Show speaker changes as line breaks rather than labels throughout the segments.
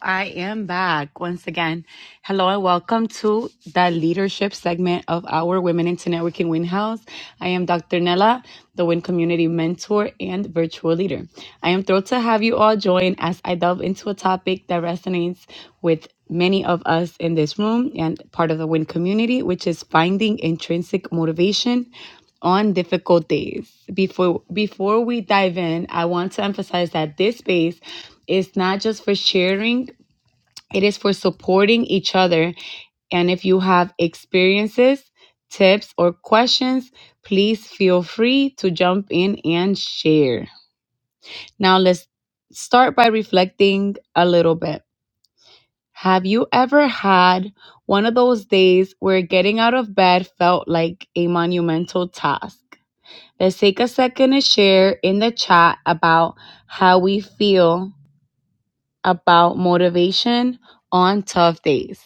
I am back once again. Hello and welcome to the leadership segment of our Women into Networking Win House. I am Dr. Nella, the Win Community Mentor and Virtual Leader. I am thrilled to have you all join as I delve into a topic that resonates with many of us in this room and part of the Win community, which is finding intrinsic motivation on difficult days. Before before we dive in, I want to emphasize that this space is not just for sharing it is for supporting each other. And if you have experiences, tips, or questions, please feel free to jump in and share. Now, let's start by reflecting a little bit. Have you ever had one of those days where getting out of bed felt like a monumental task? Let's take a second to share in the chat about how we feel about motivation on tough days.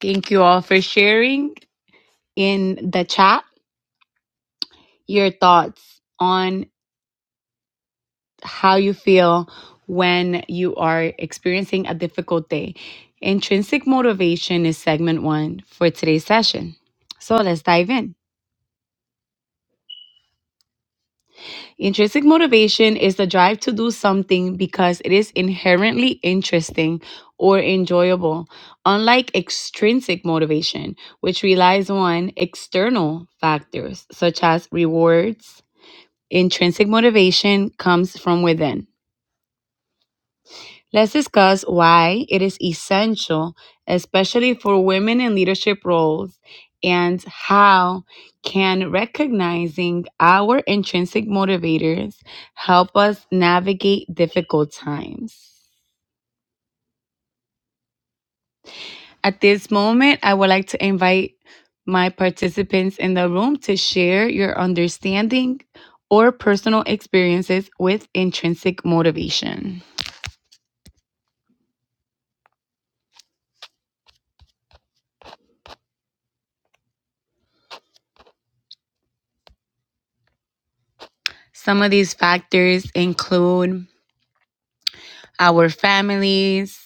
Thank you all for sharing in the chat your thoughts on how you feel when you are experiencing a difficult day. Intrinsic motivation is segment one for today's session. So let's dive in. Intrinsic motivation is the drive to do something because it is inherently interesting or enjoyable, unlike extrinsic motivation, which relies on external factors such as rewards, Intrinsic motivation comes from within. Let's discuss why it is essential, especially for women in leadership roles, and how can recognizing our intrinsic motivators help us navigate difficult times. At this moment, I would like to invite my participants in the room to share your understanding or personal experiences with intrinsic motivation. Some of these factors include our families,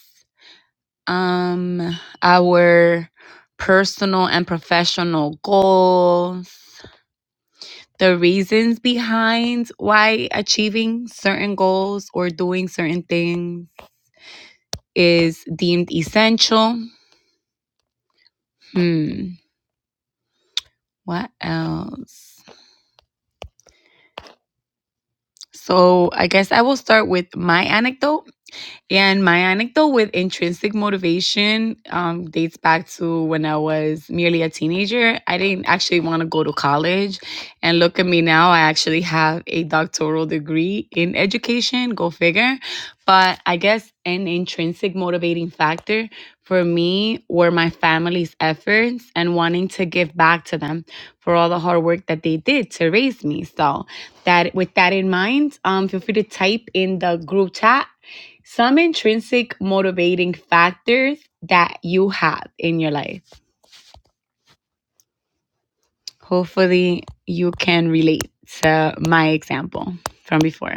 um, our personal and professional goals, the reasons behind why achieving certain goals or doing certain things is deemed essential. Hmm, what else? So, I guess I will start with my anecdote. And my anecdote with intrinsic motivation um, dates back to when I was merely a teenager. I didn't actually want to go to college. And look at me now, I actually have a doctoral degree in education, go figure. But I guess an intrinsic motivating factor for me were my family's efforts and wanting to give back to them for all the hard work that they did to raise me. So, that with that in mind, um, feel free to type in the group chat some intrinsic motivating factors that you have in your life. Hopefully, you can relate to my example from before.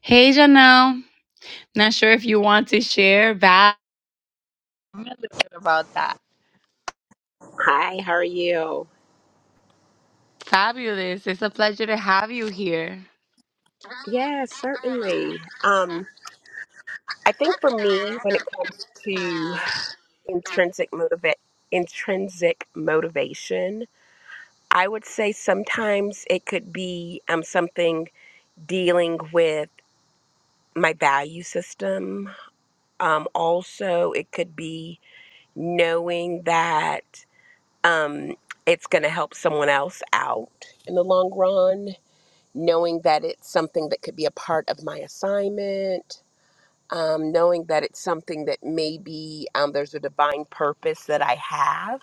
Hey, Janelle. Not sure if you want to share back a little bit about that.
Hi, how are you?
Fabulous. It's a pleasure to have you here.
Yes, certainly. Um, I think for me, when it comes to intrinsic motiva- intrinsic motivation, I would say sometimes it could be um, something dealing with my value system. Um, also, it could be knowing that um, it's going to help someone else out in the long run, knowing that it's something that could be a part of my assignment um, knowing that it's something that maybe um, there's a divine purpose that I have,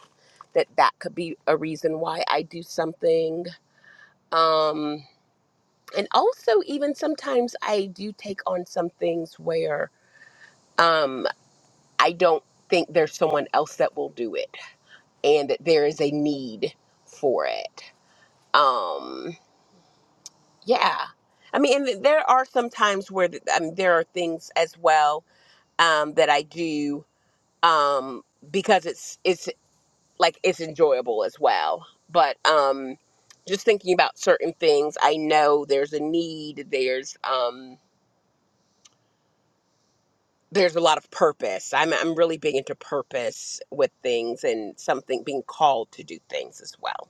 that that could be a reason why I do something. Um, and also, even sometimes I do take on some things where um, I don't think there's someone else that will do it and that there is a need for it. Um, yeah. I mean, and there are some times where th- um, there are things as well um, that I do um, because it's it's like it's enjoyable as well. But um, just thinking about certain things, I know there's a need. There's um, there's a lot of purpose. I'm I'm really big into purpose with things and something being called to do things as well.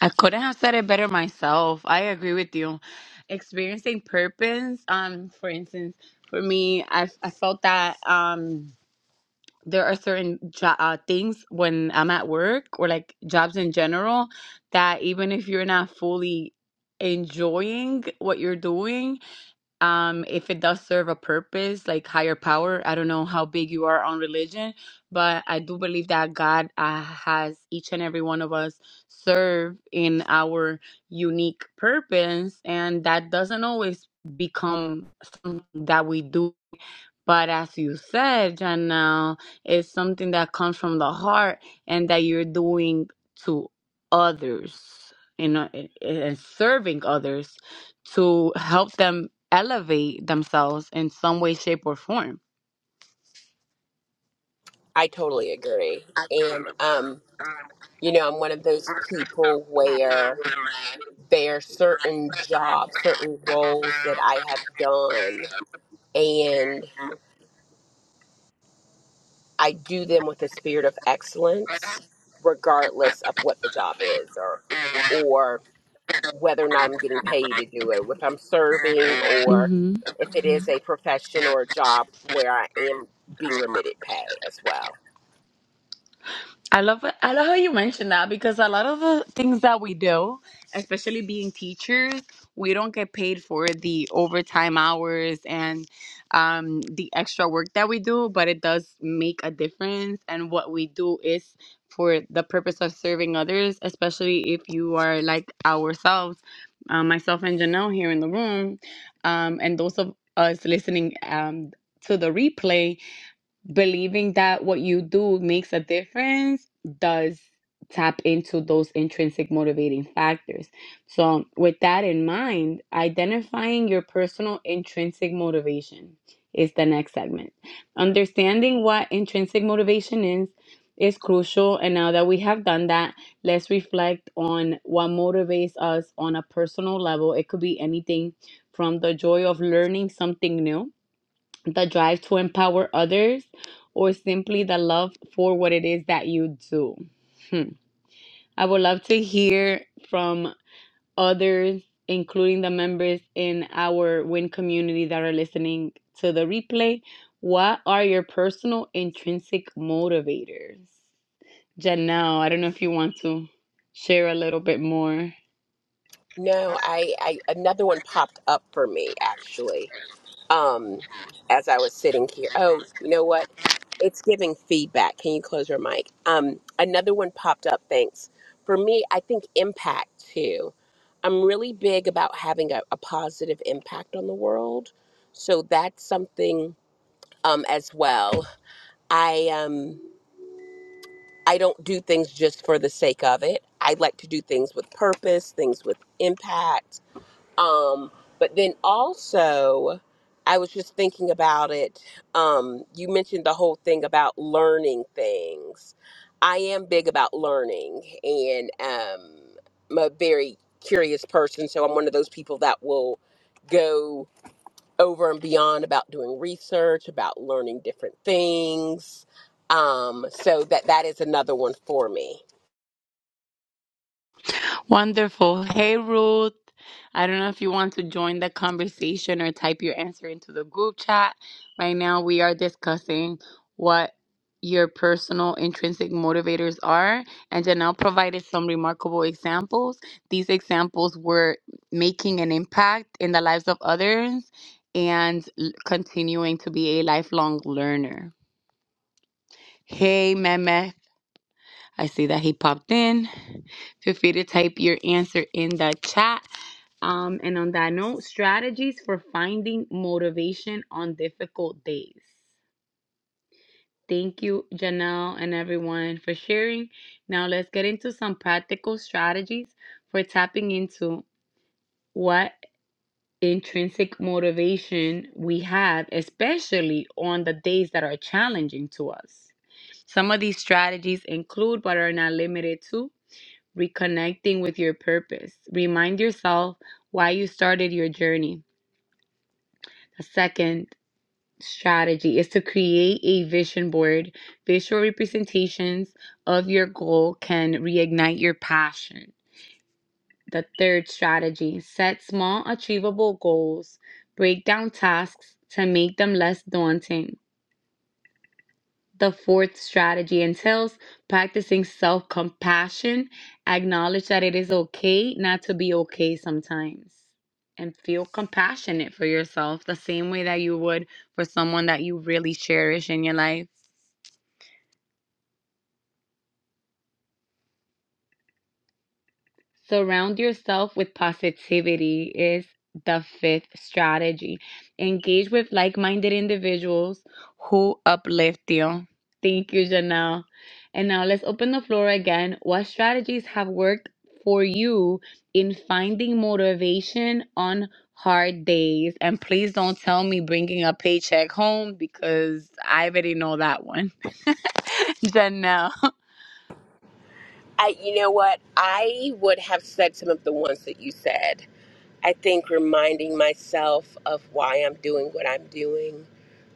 I couldn't have said it better myself. I agree with you. Experiencing purpose, um, for instance, for me, I, I felt that um, there are certain jo- uh, things when I'm at work or like jobs in general that even if you're not fully enjoying what you're doing, um if it does serve a purpose like higher power i don't know how big you are on religion but i do believe that god uh, has each and every one of us serve in our unique purpose and that doesn't always become something that we do but as you said, Janelle, it's something that comes from the heart and that you're doing to others, you know, and and serving others to help them elevate themselves in some way, shape, or form.
I totally agree. And um, you know, I'm one of those people where there are certain jobs, certain roles that I have done and. I do them with a spirit of excellence, regardless of what the job is or or whether or not I'm getting paid to do it, if I'm serving or
Mm-hmm.
if it is a profession or a job where I am being remitted pay as well.
I love I love how you mentioned that because a lot of the things that we do, especially being teachers, we don't get paid for the overtime hours and um, the extra work that we do, but it does make a difference. And what we do is for the purpose of serving others, especially if you are like ourselves, um, myself and Janelle here in the room, um, and those of us listening um, to the replay believing that what you do makes a difference does tap into those intrinsic motivating factors. So, with that in mind, identifying your personal intrinsic motivation is the next segment. Understanding what intrinsic motivation is is crucial and now that we have done that let's reflect on what motivates us on a personal level it could be anything from the joy of learning something new the drive to empower others, or simply the love for what it is that you do. Hmm. I would love to hear from others, including the members in our WIN community that are listening to the replay. What are your personal intrinsic motivators? Janelle, I don't know if you want to share a little bit more.
No, I, I another one popped up for me actually um, as I was sitting here. Oh, you know what? It's giving feedback. Can you close your mic? Um, another one popped up. Thanks. For me, I think impact too. I'm really big about having a, a positive impact on the world. So that's something um, as well. I um, I don't do things just for the sake of it. I like to do things with purpose, things with impact um, but then also, I was just thinking about it. Um, you mentioned the whole thing about learning things. I am big about learning, and um, I'm a very curious person. So I'm one of those people that will go over and beyond about doing research, about learning different things. Um, so that that is another one for me.
Wonderful. Hey, Ruth. I don't know if you want to join the conversation or type your answer into the group chat. Right now, we are discussing what your personal intrinsic motivators are, and Janelle provided some remarkable examples. These examples were making an impact in the lives of others and l- continuing to be a lifelong learner. Hey, Mehmet. I see that he popped in. Feel free to type your answer in the chat um, and on that note, strategies for finding motivation on difficult days. Thank you, Janelle, and everyone for sharing. Now, let's get into some practical strategies for tapping into what intrinsic motivation we have, especially on the days that are challenging to us. Some of these strategies include, but are not limited to, reconnecting with your purpose. Remind yourself why you started your journey. Second, strategy is to create a vision board. Visual representations of your goal can reignite your passion. The third strategy set small, achievable goals, break down tasks to make them less daunting. The fourth strategy entails practicing self compassion. Acknowledge that it is okay not to be okay sometimes and feel compassionate for yourself the same way that you would for someone that you really cherish in your life. Surround yourself with positivity is the fifth strategy. Engage with like minded individuals who uplift you. Thank you, Janelle. And now let's open the floor again. What strategies have worked for you in finding motivation on hard days? And please don't tell me bringing a paycheck home because I already know that one. Janelle.
I, you know what? I would have said some of the ones that you said I think reminding myself of why I'm doing what I'm doing,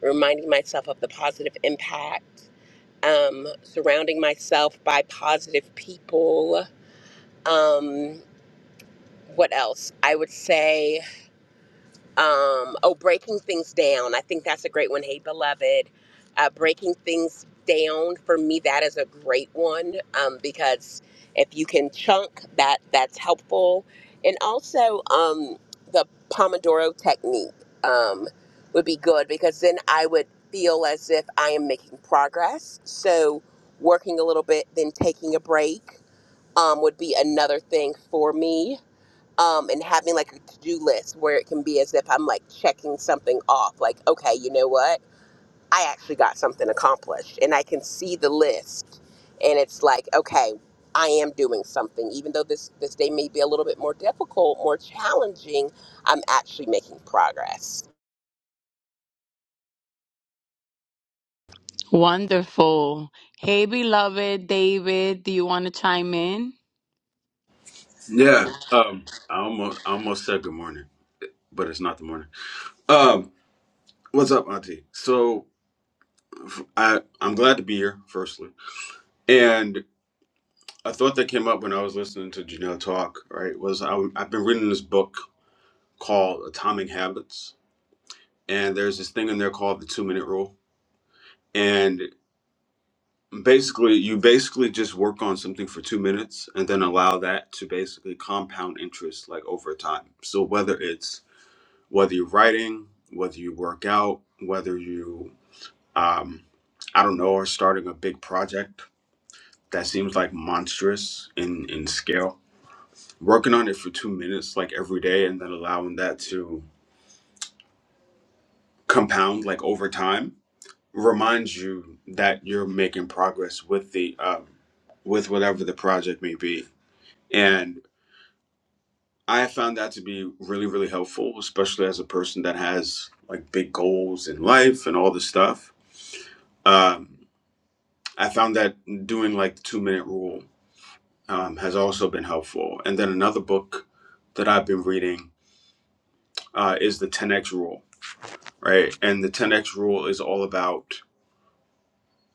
reminding myself of the positive impact, um, surrounding myself by positive people. Um, what else? I would say um, oh, breaking things down. I think that's a great one. Hey, beloved, uh, breaking things down for me. That is a great one um, because if you can chunk that, that's helpful. And also um, the Pomodoro technique um, would be good because then I would feel as if I am making progress. So working a little bit, then taking a break um, would be another thing for me um, and having like a to-do list where it can be as if I'm like checking something off. Like, okay, you know what? I actually got something accomplished, and I can see the list, and it's like, okay, I am doing something. Even though this this day may be a little bit more difficult, more challenging, I'm actually making progress.
Wonderful. Hey, beloved David, do you want to chime in?
Yeah. Um. I almost I almost said good morning, but it's not the morning. Um. What's up, Auntie? So f- I I'm glad to be here. Firstly, and a thought that came up when I was listening to Janelle talk. Right, was I, I've been reading this book called Atomic Habits, and there's this thing in there called the Two Minute Rule, and basically you basically just work on something for two minutes and then allow that to basically compound interest like over time so whether it's whether you're writing, whether you work out, whether you, um, I don't know, are starting a big project that seems like monstrous in, in scale, working on it for two minutes like every day and then allowing that to compound like over time reminds you that you're making progress with the um, with whatever the project may be. And I found that to be really, really helpful, especially as a person that has like big goals in life and all this stuff. Um, I found that doing like the two minute rule um, has also been helpful. And then another book that I've been reading uh, is the 10x rule, right? And the 10x rule is all about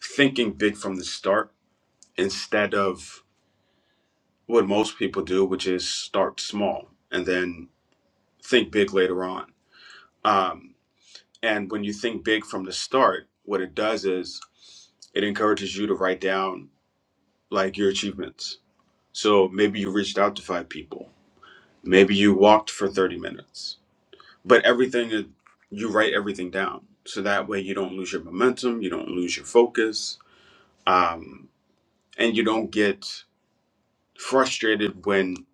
thinking big from the start instead of what most people do, which is start small and then think big later on. Um, and when you think big from the start, what it does is it encourages you to write down like your achievements. So maybe you reached out to five people Maybe you walked for 30 minutes, but everything is- you write everything down. So that way you don't lose your momentum, you don't lose your focus, um, and you don't get frustrated when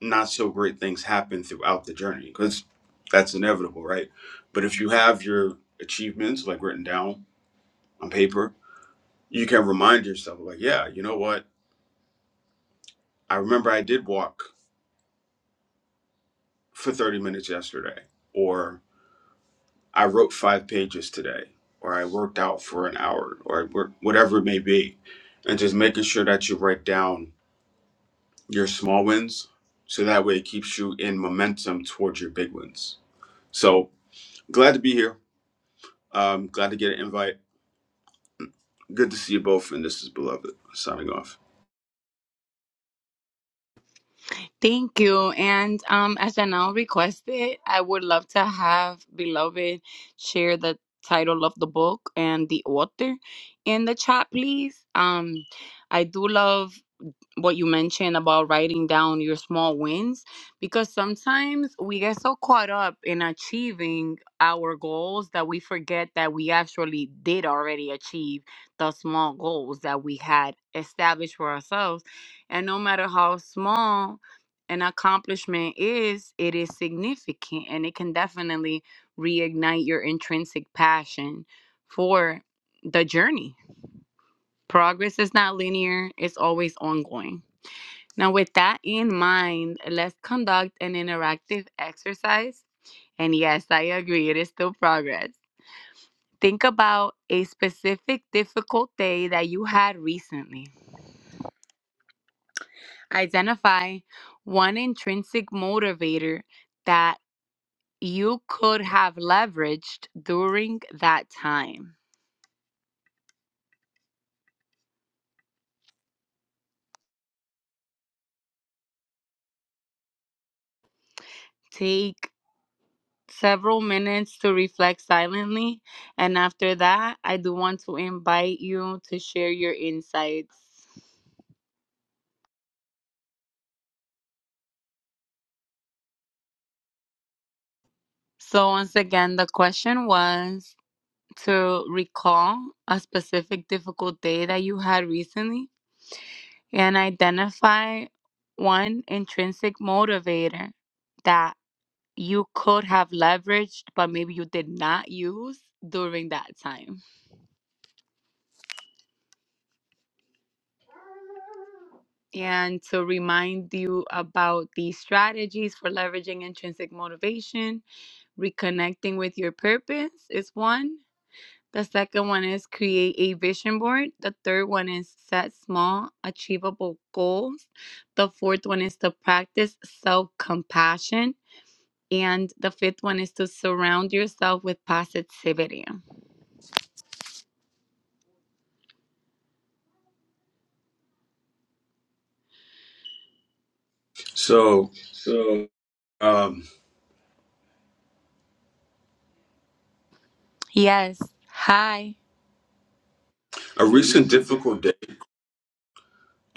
not so great things happen throughout the journey because that's inevitable, right? But if you have your achievements like written down on paper, you can remind yourself, like, yeah, you know what? I remember I did walk for 30 minutes yesterday, or. I wrote five pages today, or I worked out for an hour, or I worked, whatever it may be. And just making sure that you write down your small wins. So that way it keeps you in momentum towards your big wins. So glad to be here. Um, glad to get an invite. Good to see you both. And this is Beloved signing off.
Thank you. And um, as Janelle requested, I would love to have beloved share the title of the book and the author in the chat, please. Um, I do love what you mentioned about writing down your small wins because sometimes we get so caught up in achieving our goals that we forget that we actually did already achieve the small goals that we had established for ourselves and no matter how small an accomplishment is it is significant and it can definitely reignite your intrinsic passion for the journey progress is not linear it's always ongoing now, with that in mind, let's conduct an interactive exercise. And yes, I agree, it is still progress. Think about a specific difficult day that you had recently. Identify one intrinsic motivator that you could have leveraged during that time. Take several minutes to reflect silently. And after that, I do want to invite you to share your insights. So, once again, the question was to recall a specific difficult day that you had recently and identify one intrinsic motivator that you could have leveraged, but maybe you did not use during that time. And to remind you about the strategies for leveraging intrinsic motivation, reconnecting with your purpose is one The second one is create a vision board. The third one is set small, achievable goals. The fourth one is to practice self compassion. And the fifth one is to surround yourself with positivity. Um,
So, um,
Yes. Hi.
a
A
recent
recent
difficult
difficult.
day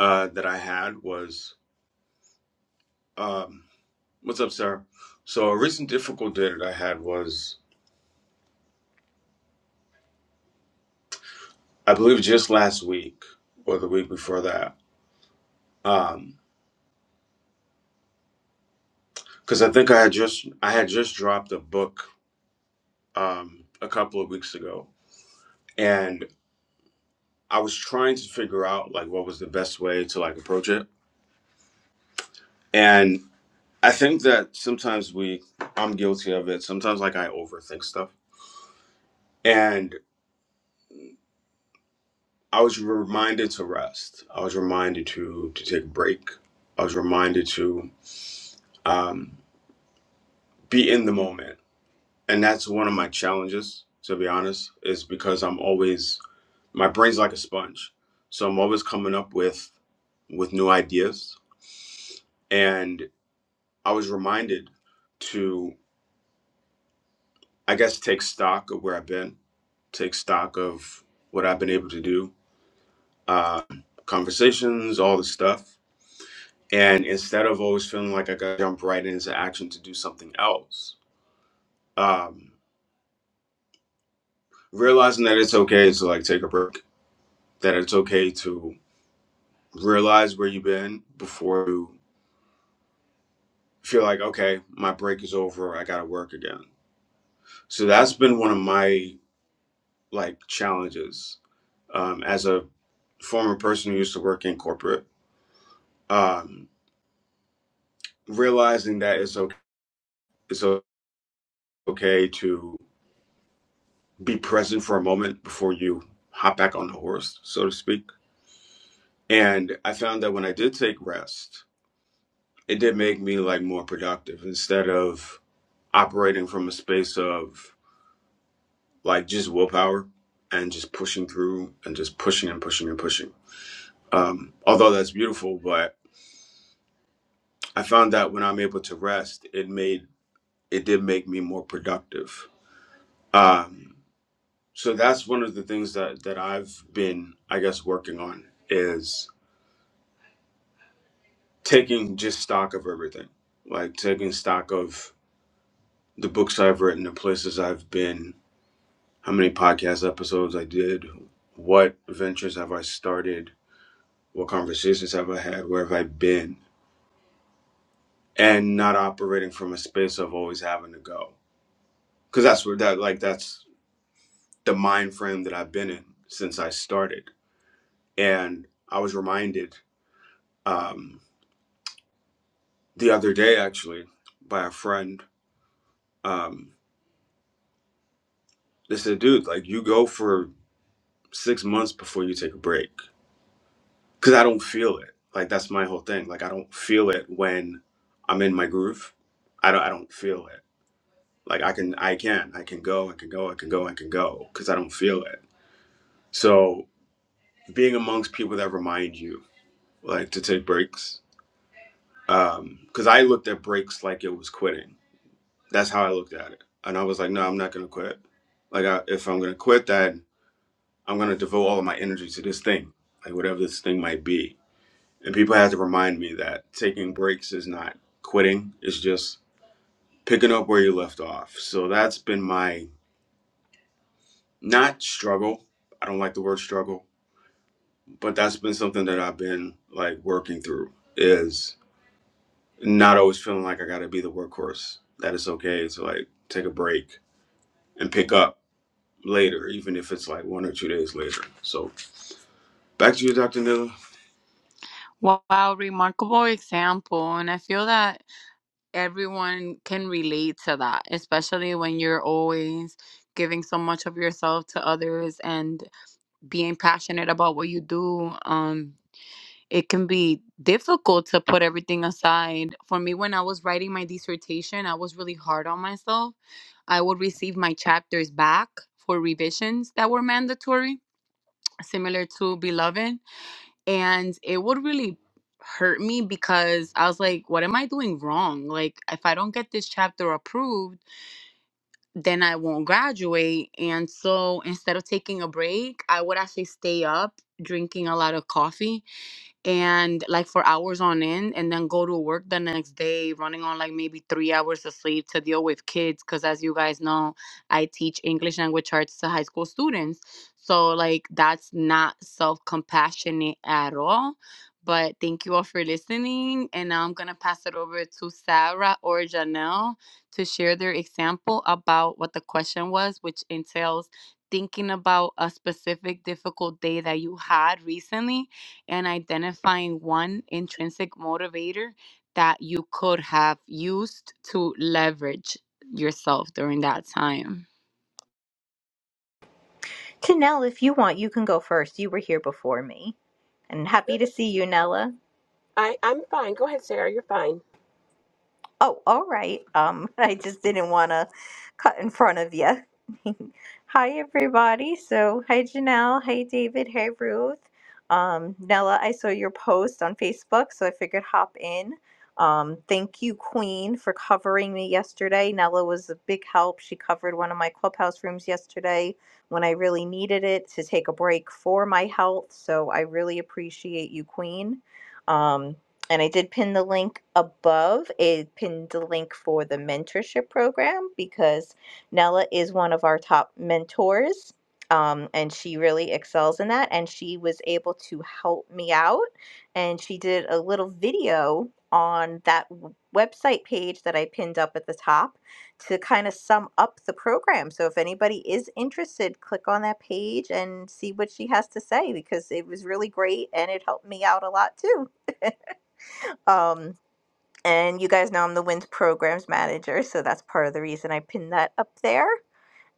uh, that I had was um, what's up, Sarah? So, a recent difficult day that I had was I believe just last week or the week before that. Um, because I think I had just I had just dropped a book um a couple of weeks ago, and I was trying to figure out like what was the best way to like approach it. And I think that sometimes we I'm guilty of it. Sometimes like I overthink stuff. And I was reminded to rest. I was reminded to to take a break. I was reminded to um be in the moment and that's one of my challenges to be honest is because i'm always my brain's like a sponge so i'm always coming up with with new ideas and i was reminded to i guess take stock of where i've been take stock of what i've been able to do uh, conversations all the stuff and instead of always feeling like i gotta jump right into action to do something else um, realizing that it's okay to like take a break that it's okay to realize where you've been before you feel like okay my break is over i gotta work again so that's been one of my like challenges um, as a former person who used to work in corporate um, realizing that it's okay, it's okay to be present for a moment before you hop back on the horse so to speak and i found that when i did take rest it did make me like more productive instead of operating from a space of like just willpower and just pushing through and just pushing and pushing and pushing. Um, although that's beautiful, but I found that when I'm able to rest, it made it did make me more productive. Um, so that's one of the things that that I've been, I guess, working on is taking just stock of everything, like taking stock of the books I've written, the places I've been, how many podcast episodes I did, what ventures have I started, What conversations have I had? Where have I been? And not operating from a space of always having to go. Because that's where that, like, that's the mind frame that I've been in since I started. And I was reminded um, the other day, actually, by a friend. Um, they said, dude, like, you go for six months before you take a break. Because I don't feel it. Like, that's my whole thing. Like, I don't feel it when I'm in my groove. I don't, I don't feel it Like I can, I can, I can go, I can go, I can go, I can go, because I don't feel it. So being amongst people that remind you, like to take breaks, um, because I looked at breaks like it was quitting. That's how I looked at it, and I was like, no, I'm not gonna quit. Like I, if I'm gonna quit, then I'm gonna devote all of my energy to this thing, like whatever this thing might be. And people had to remind me that taking breaks is not quitting; it's just picking up where you left off. So that's been my not struggle. I don't like the word struggle but that's been something that I've been like working through is not always feeling like I got to be the workhorse. That it's okay to like take a break and pick up later, even if it's like one or two days later. So back to you, Dr. Nilla.
Wow, remarkable example. And I feel that everyone can relate to that, especially when you're always giving so much of yourself to others and being passionate about what you do um it can be difficult to put everything aside for me when i was writing my dissertation i was really hard on myself i would receive my chapters back for revisions that were mandatory similar to beloved and it would really hurt me because i was like what am i doing wrong like if i don't get this chapter approved then I won't graduate. And so instead of taking a break, I would actually stay up drinking a lot of coffee and like for hours on end and then go to work the next day running on like maybe three hours of sleep to deal with kids because as you guys know i teach english language arts to high school students so like that's not self-compassionate at all but thank you all for listening and now i'm gonna pass it over to sarah or janelle to share their example about what the question was which entails thinking about a specific difficult day that you had recently and identifying one intrinsic motivator that you could have used to leverage yourself during that time.
To Nell, if you want, you can go first. You were here before me. And happy to see you, Nella.
I, I'm fine. Go ahead, Sarah. You're fine.
Oh, all right. Um, I just didn't want to cut in front of you. Hi, everybody. So, hi, Janelle. Hi, David. Hi, Ruth. Um, Nella, I saw your post on Facebook, so I figured hop in. Um, thank you, Queen, for covering me yesterday. Nella was a big help. She covered one of my clubhouse rooms yesterday when I really needed it to take a break for my health. So I really appreciate you, Queen. Um, and I did pin the link above. I pinned the link for the mentorship program because Nella is one of our top mentors. Um, and she really excels in that. And she was able to help me out. And she did a little video on that w- website page that I pinned up at the top to kind of sum up the program. So if anybody is interested, click on that page and see what she has to say because it was really great and it helped me out a lot too. Um, and you guys know I'm the WINS programs manager, so that's part of the reason I pinned that up there.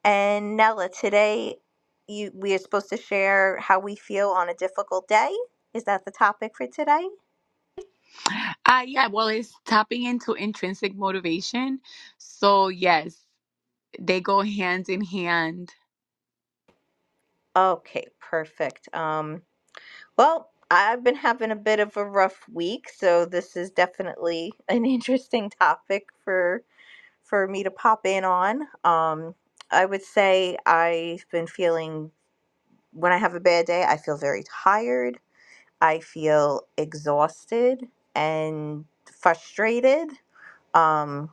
And Nella, today you we are supposed to share how we feel on a difficult day. Is that the topic for today?
Uh, yeah, well, it's tapping into intrinsic motivation. So, yes, they go hand in hand
Okay, perfect. Um, well, I've been having a bit of a rough week, so this is definitely an interesting topic for for me to pop in on. Um, I would say I've been feeling when I have a bad day, I feel very tired. I feel exhausted and frustrated, um,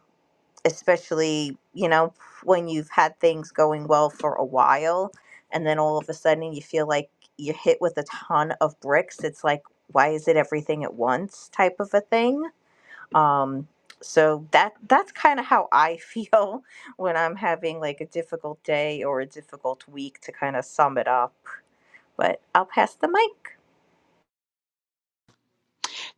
especially, you know, when you've had things going well for a while and then all of a sudden you feel like you're hit with a ton of bricks. It's like, why is it everything at once type of a thing? Um, so that that's kind of how I feel when I'm having like a difficult day or a difficult week to kind of sum it up. But I'll pass the mic.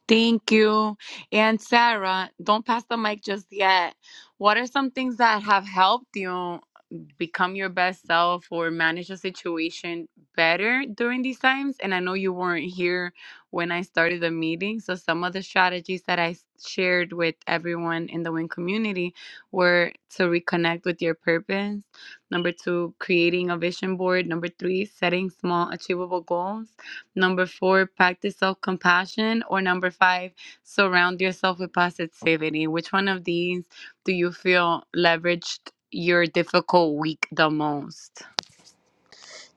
Thank you. And Sarah, don't pass the mic just yet. What are some things that have helped you become your best self or manage a situation better during these times? And I know you weren't here when I started the meeting. So, some of the strategies that I s- shared with everyone in the WIN community were to reconnect with your purpose, number two, creating a vision board, number three, setting small, achievable goals Number four, practice self compassion. Or number five, surround yourself with positivity. Which one of these do you feel leveraged your difficult week the most?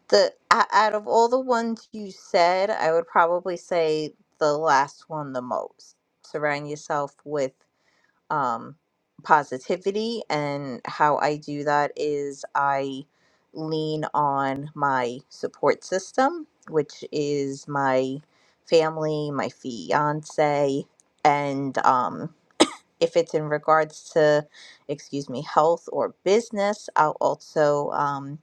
the o- out of all the ones you said, I would probably say the last one the most. Surround yourself with um, positivity, and how I do that is I lean on my support system, which is my family, my fiance, and um, if it's in regards to, excuse me, health or business, I'll also um,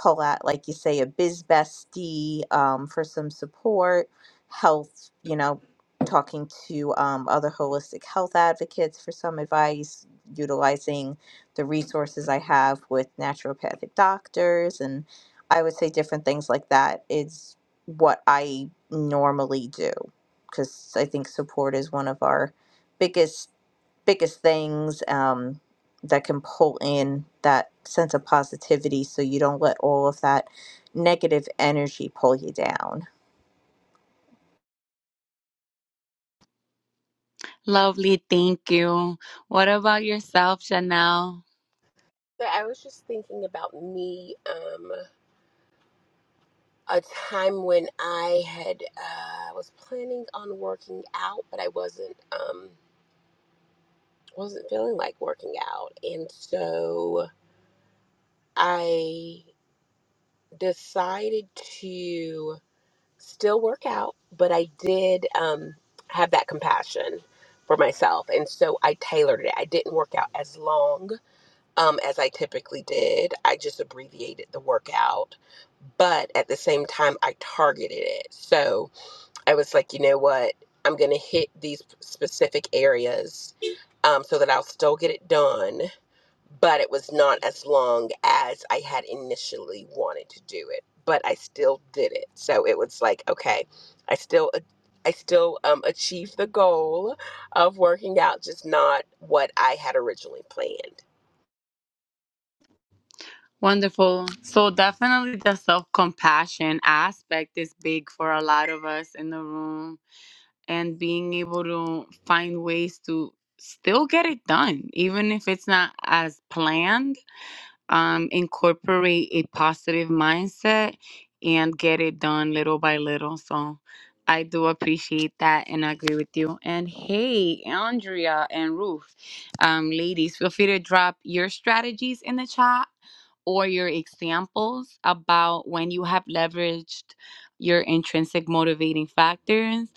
pull at like you say, a biz bestie um, for some support, health, you know, talking to um, other holistic health advocates for some advice, utilizing the resources I have with naturopathic doctors. And I would say different things like that is what I normally do because I think support is one of our biggest biggest things um, that can pull in that sense of positivity so you don't let all of that negative energy pull you down.
Lovely, thank you. What about yourself, Chanel?
So I was just thinking about me, um, a time when I had uh, was planning on working out, but I wasn't. Um, wasn't feeling like working out. And so I decided to still work out, but I did um, have that compassion for myself. And so I tailored it. I didn't work out as long um, as I typically did, I just abbreviated the workout. But at the same time, I targeted it. So I was like, you know what? I'm going to hit these specific areas um, so that I'll still get it done but it was not as long as I had initially wanted to do it. But I still did it, so it was like okay, I still I still um, achieved the goal of working out, just not what I had originally planned.
Wonderful. So, definitely the self compassion aspect is big for a lot of us in the room, and being able to find ways to still get it done, even if it's not as planned um, incorporate a positive mindset and get it done little by little. So I do appreciate that and I agree with you. And hey, Andrea and Ruth, um, ladies, feel free to drop your strategies in the chat or your examples about when you have leveraged your intrinsic motivating factors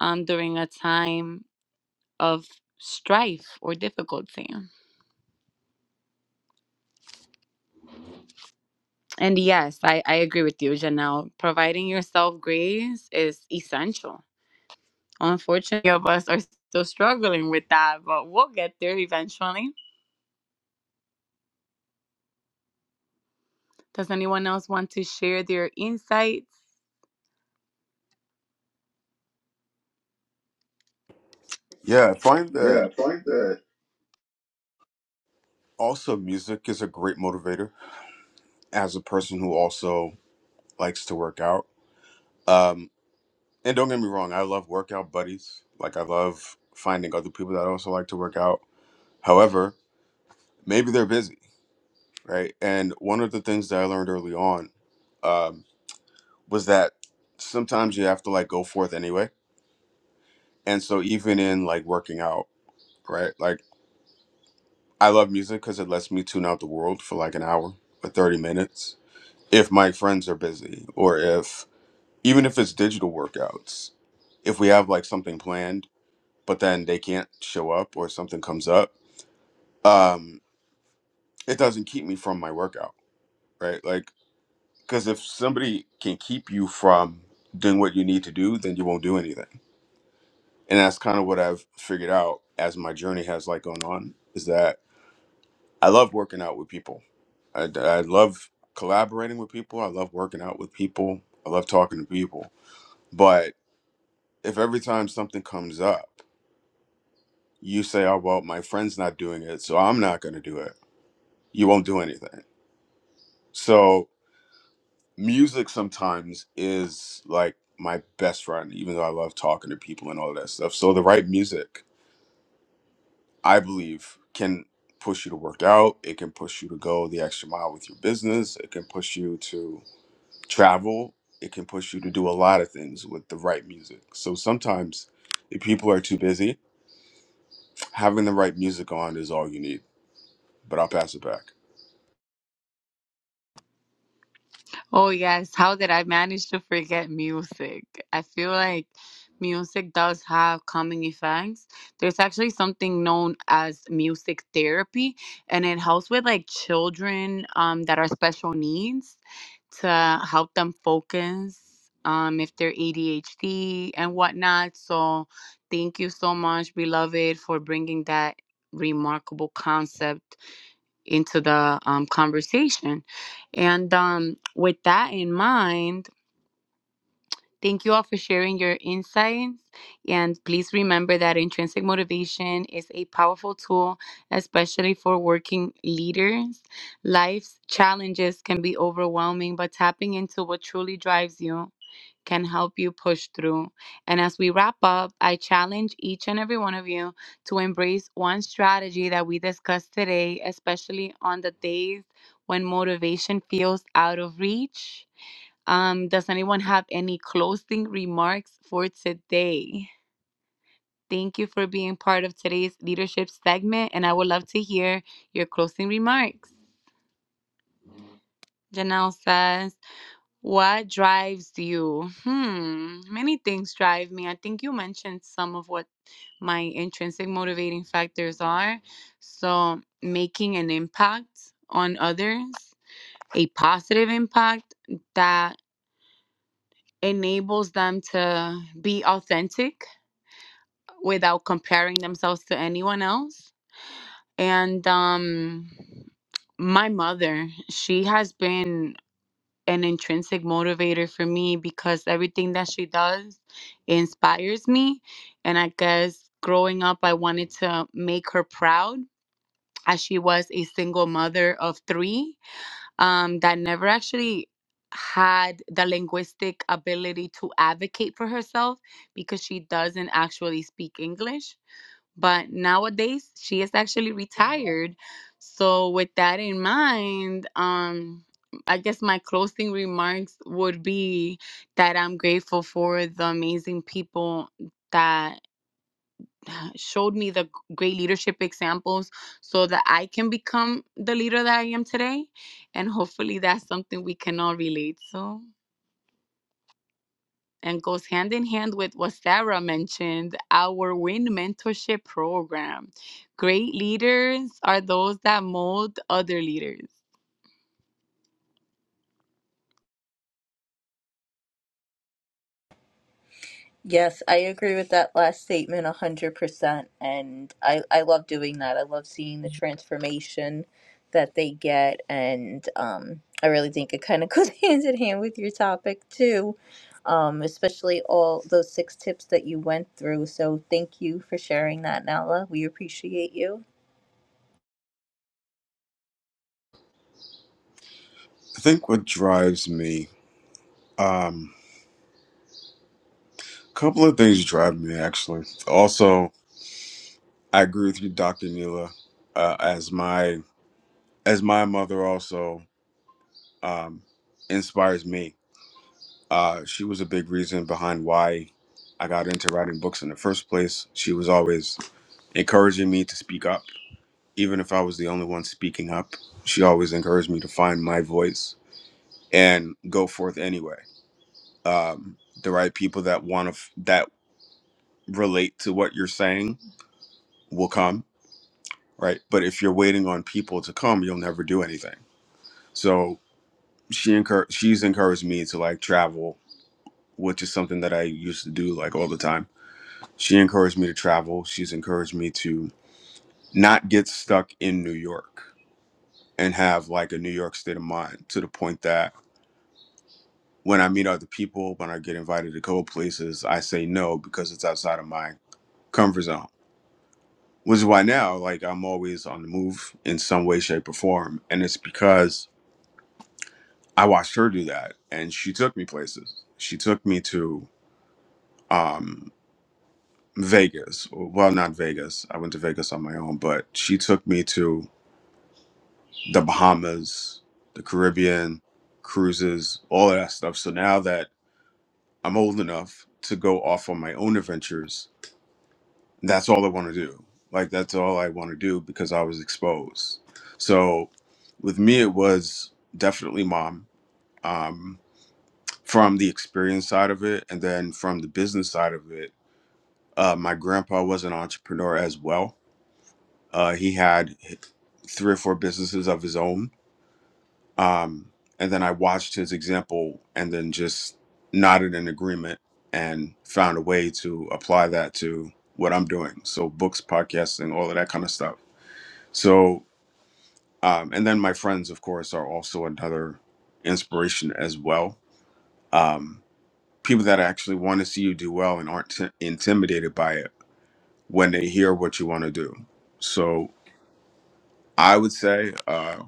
um, during a time of strife or difficulty. And yes, I, I agree with you, Janelle. Providing yourself grace is essential. Unfortunately, many of us are still struggling with that, but we'll get there eventually. Does anyone else want to share their insights?
Yeah, I find that
Yeah, a point that.
also music is a great motivator as a person who also likes to work out. Um, and don't get me wrong, I love workout buddies. Like I love finding other people that also like to work out. However, maybe they're busy. right? And one of the things that I learned early on um, was that sometimes you have to like go forth anyway. And so even in like working out, right? Like I love music because it lets me tune out the world for like an hour or 30 minutes if my friends are busy or if even if it's digital workouts, if we have like something planned, but then they can't show up or something comes up, um, it doesn't keep me from my workout, right? Like Because if somebody can keep you from doing what you need to do, then you won't do anything. And that's kind of what I've figured out as my journey has like gone on is that I love working out with people. I, I love collaborating with people. I love working out with people. I love talking to people. But if every time something comes up, you say, oh, well, my friend's not doing it, so I'm not going to do it, you won't do anything. So music sometimes is like my best friend, even though I love talking to people and all that stuff. So the right music, I believe, can push you to work out. It can push you to go the extra mile with your business. It can push you to travel. It can push you to do a lot of things with the right music. So sometimes if people are too busy, having the right music on is all you need. But I'll pass it back.
Oh, yes. How did I manage to forget music? I feel like music does have calming effects. There's actually something known as music therapy, and it helps with like children um, that are special needs to help them focus um, if they're ADHD and whatnot. So, thank you so much, beloved, for bringing that remarkable concept into the um, conversation. And um, with that in mind, Thank you all for sharing your insights. And please remember that intrinsic motivation is a powerful tool, especially for working leaders. Life's challenges can be overwhelming, but tapping into what truly drives you can help you push through. And as we wrap up, I challenge each and every one of you to embrace one strategy that we discussed today, especially on the days when motivation feels out of reach. Um, does anyone have any closing remarks for today? Thank you for being part of today's leadership segment, and I would love to hear your closing remarks. Janelle says, What drives you? Hmm, many things drive me. I think you mentioned some of what my intrinsic motivating factors are. So, making an impact on others, a positive impact that enables them to be authentic without comparing themselves to anyone else. And um, my mother, she has been an intrinsic motivator for me because everything that she does inspires me. And I guess growing up, I wanted to make her proud as she was a single mother of three um, that never actually had the linguistic ability to advocate for herself because she doesn't actually speak English but nowadays, she is actually retired. So with that in mind, um, I guess my closing remarks would be that I'm grateful for the amazing people that uh, showed me the great leadership examples so that I can become the leader that I am today. And hopefully that's something we can all relate to. and goes hand in hand with what Sarah mentioned our WIN mentorship program. Great leaders are those that mold other leaders.
Yes, I agree with that last statement 100%. And I, I love doing that. I love seeing the transformation that they get. And um, I really think it kind of goes hand in hand with your topic, too, um, especially all those six tips that you went through. So thank you for sharing that, Nala. We appreciate you.
I think what drives me, um, a couple of things drive me actually. Also, I agree with you, Dr. Neela. Uh, as my as my mother also um, inspires me. Uh, she was a big reason behind why I got into writing books in the first place. She was always encouraging me to speak up, even if I was the only one speaking up. She always encouraged me to find my voice and go forth anyway. Um, the right people that want to f- that relate to what you're saying will come, right? But if you're waiting on people to come, you'll never do anything. So she encour- she's encouraged me to like travel which is something that i used to do like all the time she encouraged me to travel she's encouraged me to not get stuck in new york and have like a new york state of mind to the point that when i meet other people when i get invited to go places i say no because it's outside of my comfort zone which is why now like i'm always on the move in some way shape or form and it's because i watched her do that and she took me places she took me to um Vegas. Well, not Vegas. I went to Vegas on my own, but she took me to the Bahamas, the Caribbean, cruises, all of that stuff. So now that I'm old enough to go off on my own adventures, that's all I want to do. Like, that's all I want to do because I was exposed. So with me, it was definitely mom um, from the experience side of it. And then from the business side of it, uh, my grandpa was an entrepreneur as well Uh, he had three or four businesses of his own. Um, and then I watched his example and then just nodded in agreement and found a way to apply that to what I'm doing. So, books, podcasting, all of that kind of stuff. So, um, and then my friends, of course, are also another inspiration as well. Um, people that actually want to see you do well and aren't t- intimidated by it when they hear what you want to do. So, I would say. uh,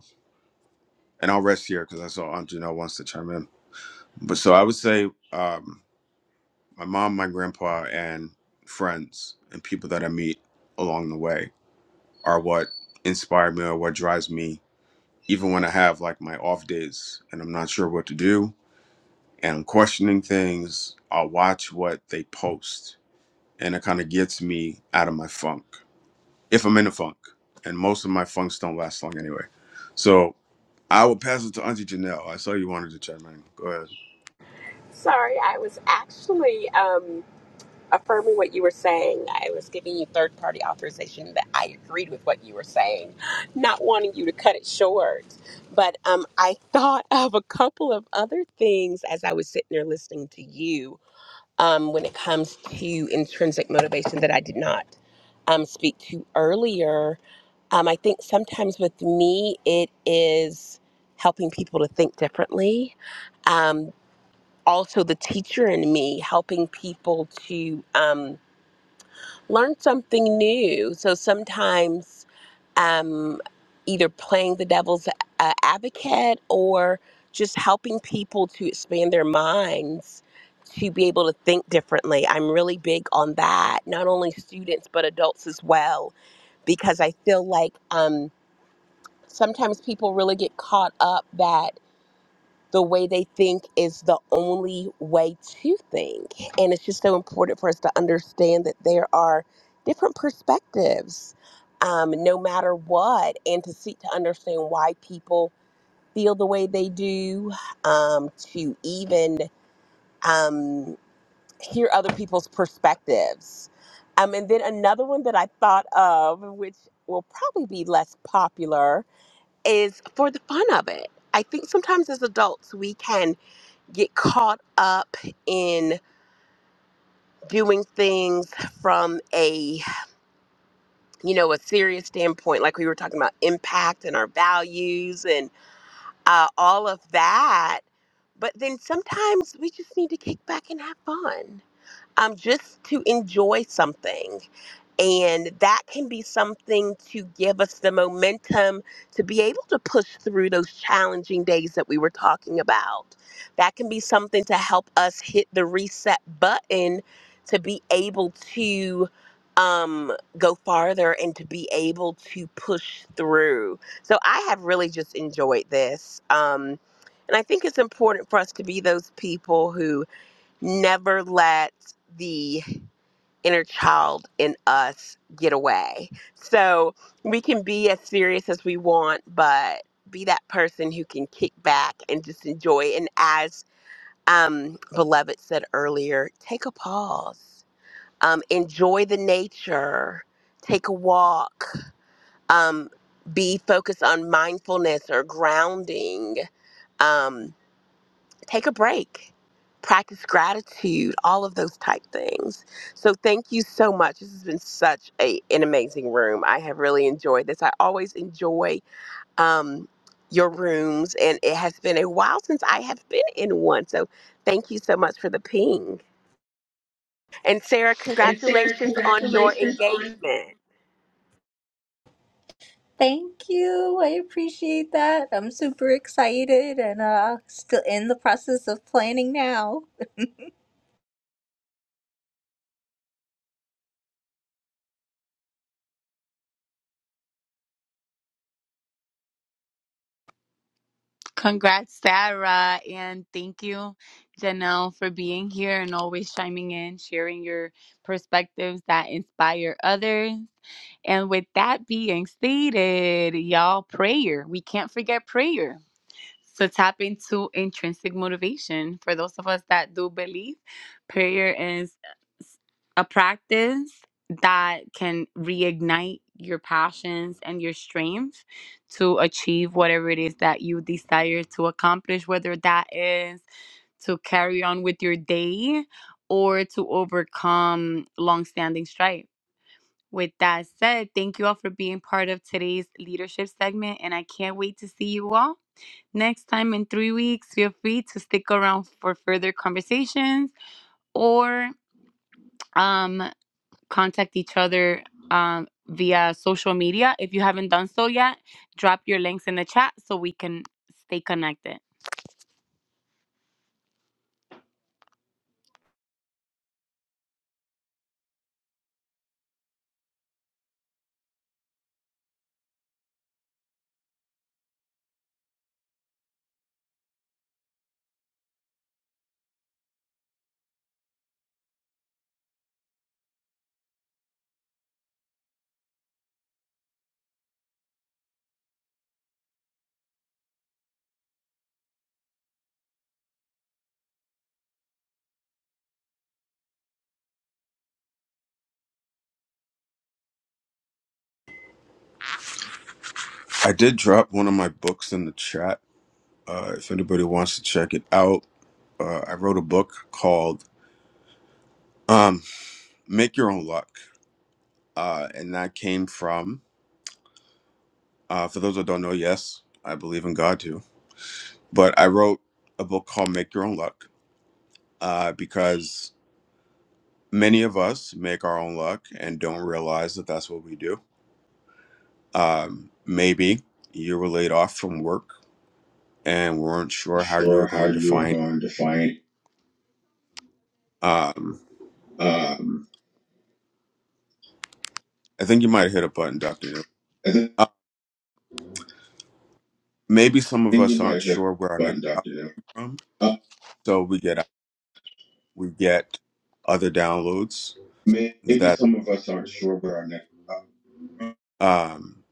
and I'll rest here because I saw Aunt Janelle wants to chime in. But so I would say um, my mom, my grandpa, and friends and people that I meet along the way are what inspire me or what drives me, even when I have like my off days and I'm not sure what to do and I'm questioning things. I'll watch what they post and it kind of gets me out of my funk if I'm in a funk. And most of my funks don't last long anyway. So I will pass it to Auntie Janelle. I saw you wanted to chime in. Go ahead.
Sorry, I was actually. um, affirming what you were saying. I was giving you third party authorization that I agreed with what you were saying, not wanting you to cut it short. But um, I thought of a couple of other things as I was sitting there listening to you um, when it comes to intrinsic motivation that I did not um, speak to earlier. Um, I think sometimes with me, it is helping people to think differently. Um, also, the teacher in me helping people to. Um, learn something new. So sometimes um, either playing the devil's uh, advocate or just helping people to expand their minds to be able to think differently. I'm really big on that, not only students, but adults as well, because I feel like um, sometimes people really get caught up that the way they think is the only way to think. And it's just so important for us to understand that there are different perspectives, um, no matter what, and to seek to understand why people feel the way they do, um, to even um, hear other people's perspectives. Um, and then another one that I thought of, which will probably be less popular, is for the fun of it. I think sometimes as adults we can get caught up in doing things from a you know a serious standpoint like we were talking about impact and our values and uh, all of that but then sometimes we just need to kick back and have fun um, just to enjoy something And that can be something to give us the momentum to be able to push through those challenging days that we were talking about. That can be something to help us hit the reset button to be able to um, go farther and to be able to push through. So I have really just enjoyed this. Um, and I think it's important for us to be those people who never let the inner child in us get away. So we can be as serious as we want, but be that person who can kick back and just enjoy. And as um, Beloved said earlier, take a pause, um, enjoy the nature, take a walk, um, be focused on mindfulness or grounding. Um, take a break practice gratitude all of those type things so thank you so much this has been such a, an amazing room i have really enjoyed this i always enjoy um, your rooms and it has been a while since i have been in one so thank you so much for the ping and sarah
And Sarah,
congratulations on your
congratulations on.
engagement
Thank you. I appreciate that. I'm super excited and uh still in the process of planning now.
Congrats, Sarah, and thank you, Janelle, for being here and always chiming in, sharing your perspectives that inspire others. And with that being stated, y'all, prayer. We can't forget prayer. So tap into intrinsic motivation. For those of us that do believe, prayer is a practice that can reignite your passions and your strength to achieve whatever it is that you desire to accomplish, whether that is to carry on with your day or to overcome long-standing strife. With that said, thank you all for being part of today's leadership segment, and I can't wait to see you all. Next time in three weeks, feel free to stick around for further conversations or um, contact each other um, via social media. If you haven't done so yet, drop your links in the chat so we can stay connected.
I did drop one of my books in the chat. Uh, if anybody wants to check it out, uh, I wrote a book called um, "Make Your Own Luck," uh, and that came from. Uh, for those that don't know, yes, I believe in God too, but I wrote a book called "Make Your Own Luck" uh, because many of us make our own luck and don't realize that that's what we do. Um, maybe you were laid off from work and weren't sure how you
sure
were
how
going to
you are
find.
going to find.
Um,
Um,
I think you might hit a button, Doctor. New.
I think
maybe some of
you
us aren't
might hit the
sure where our next
button,
album
Doctor. Neil.
from,
Uh,
so we get we get other downloads
maybe
that
some of us aren't sure where our next. Uh,
um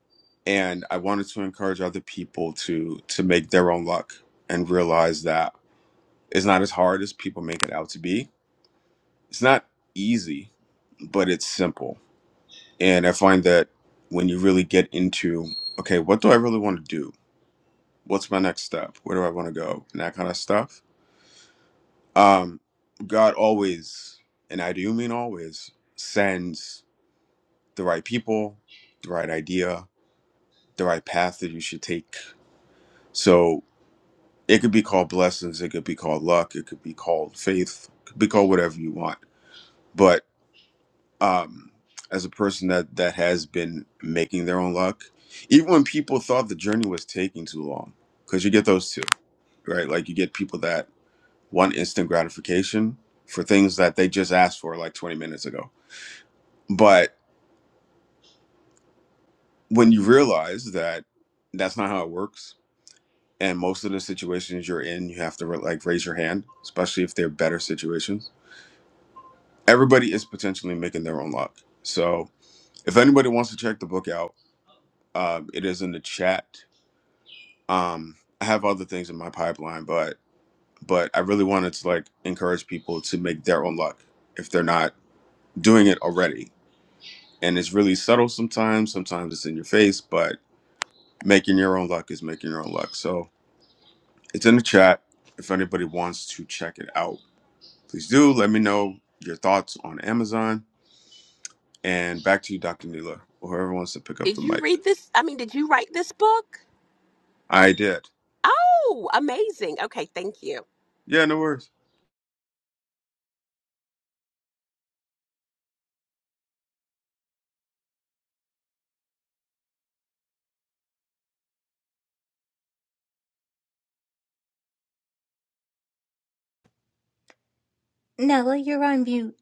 and I wanted to encourage other people to to make their own luck and realize that it's not as hard as people make it out to be. It's not easy, but it's simple. And I find that when you really get into okay, what do I really want to do? What's my next step? Where do I want to go? And that kind of stuff Um, God always, and I do mean always, sends the right people, the right idea, the right path that you should take. So it could be called blessings, it could be called luck, it could be called faith, it could be called whatever you want. But um, as a person that that has been making their own luck, even when people thought the journey was taking too long, because you get those too, right? Like you get people that want instant gratification for things that they just asked for like 20 minutes ago But when you realize that that's not how it works, and most of the situations you're in, you have to like raise your hand, especially if they're better situations. Everybody is potentially making their own luck. So if anybody wants to check the book out, um, it is in the chat. Um, I have other things in my pipeline, but but I really wanted to like encourage people to make their own luck if they're not doing it already. And it's really subtle sometimes. Sometimes it's in your face, but making your own luck is making your own luck. So It's in the chat. If anybody wants to check it out, please do. Let me know your thoughts on Amazon. And back to you, Dr. Neela, or whoever wants to pick up
did
the
you
mic.
read this i mean did you write this book
I did.
oh amazing okay thank you
Yeah, no worries.
Nella, you're on mute.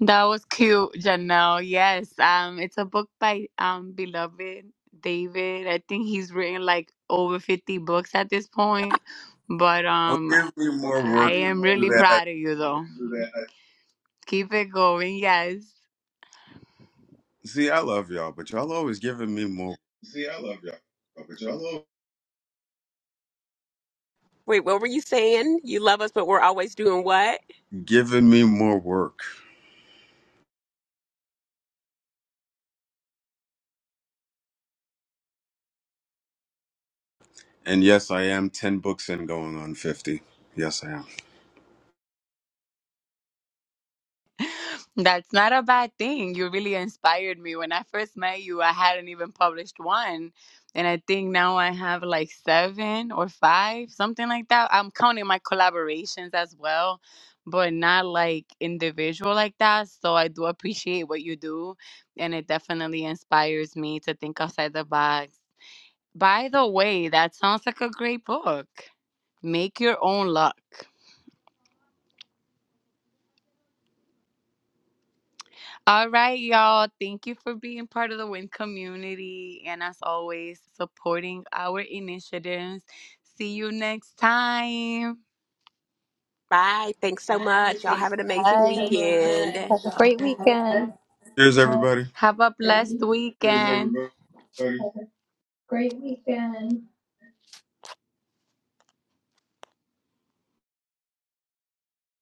That was cute, Janelle. Yes, um, it's a book by um beloved David. I think he's written like over fifty books at this point, but
Don't
um,
give me
Well,
more
thank I
work.
you, am really
Don't do
Barbara.
that.
proud of you though. Do that. Keep it going. Yes.
See, I love y'all, but y'all always giving me more,
See, I love y'all. Okay, y'all love
wait what were you saying you love us but we're always doing what
giving me more work. And yes, I am ten books in, going on fifty. Yes, I am.
That's not a bad thing. You really inspired me. When I first met you, I hadn't even published one. And I think now I have like seven or five, something like that. I'm counting my collaborations as well, but not like individual like that. So I do appreciate what you do. And it definitely inspires me to think outside the box. By the way, that sounds like a great book. Make your own luck. All right, y'all. Thank you for being part of the WIN community and as always, supporting our initiatives. See you next time.
Bye. Thanks so
Bye.
much. Y'all
Thanks
have an amazing
so
Bye.
much.
weekend.
Have a great
Y'all
weekend.
have
Cheers, everybody.
a a blessed weekend. Have a great weekend.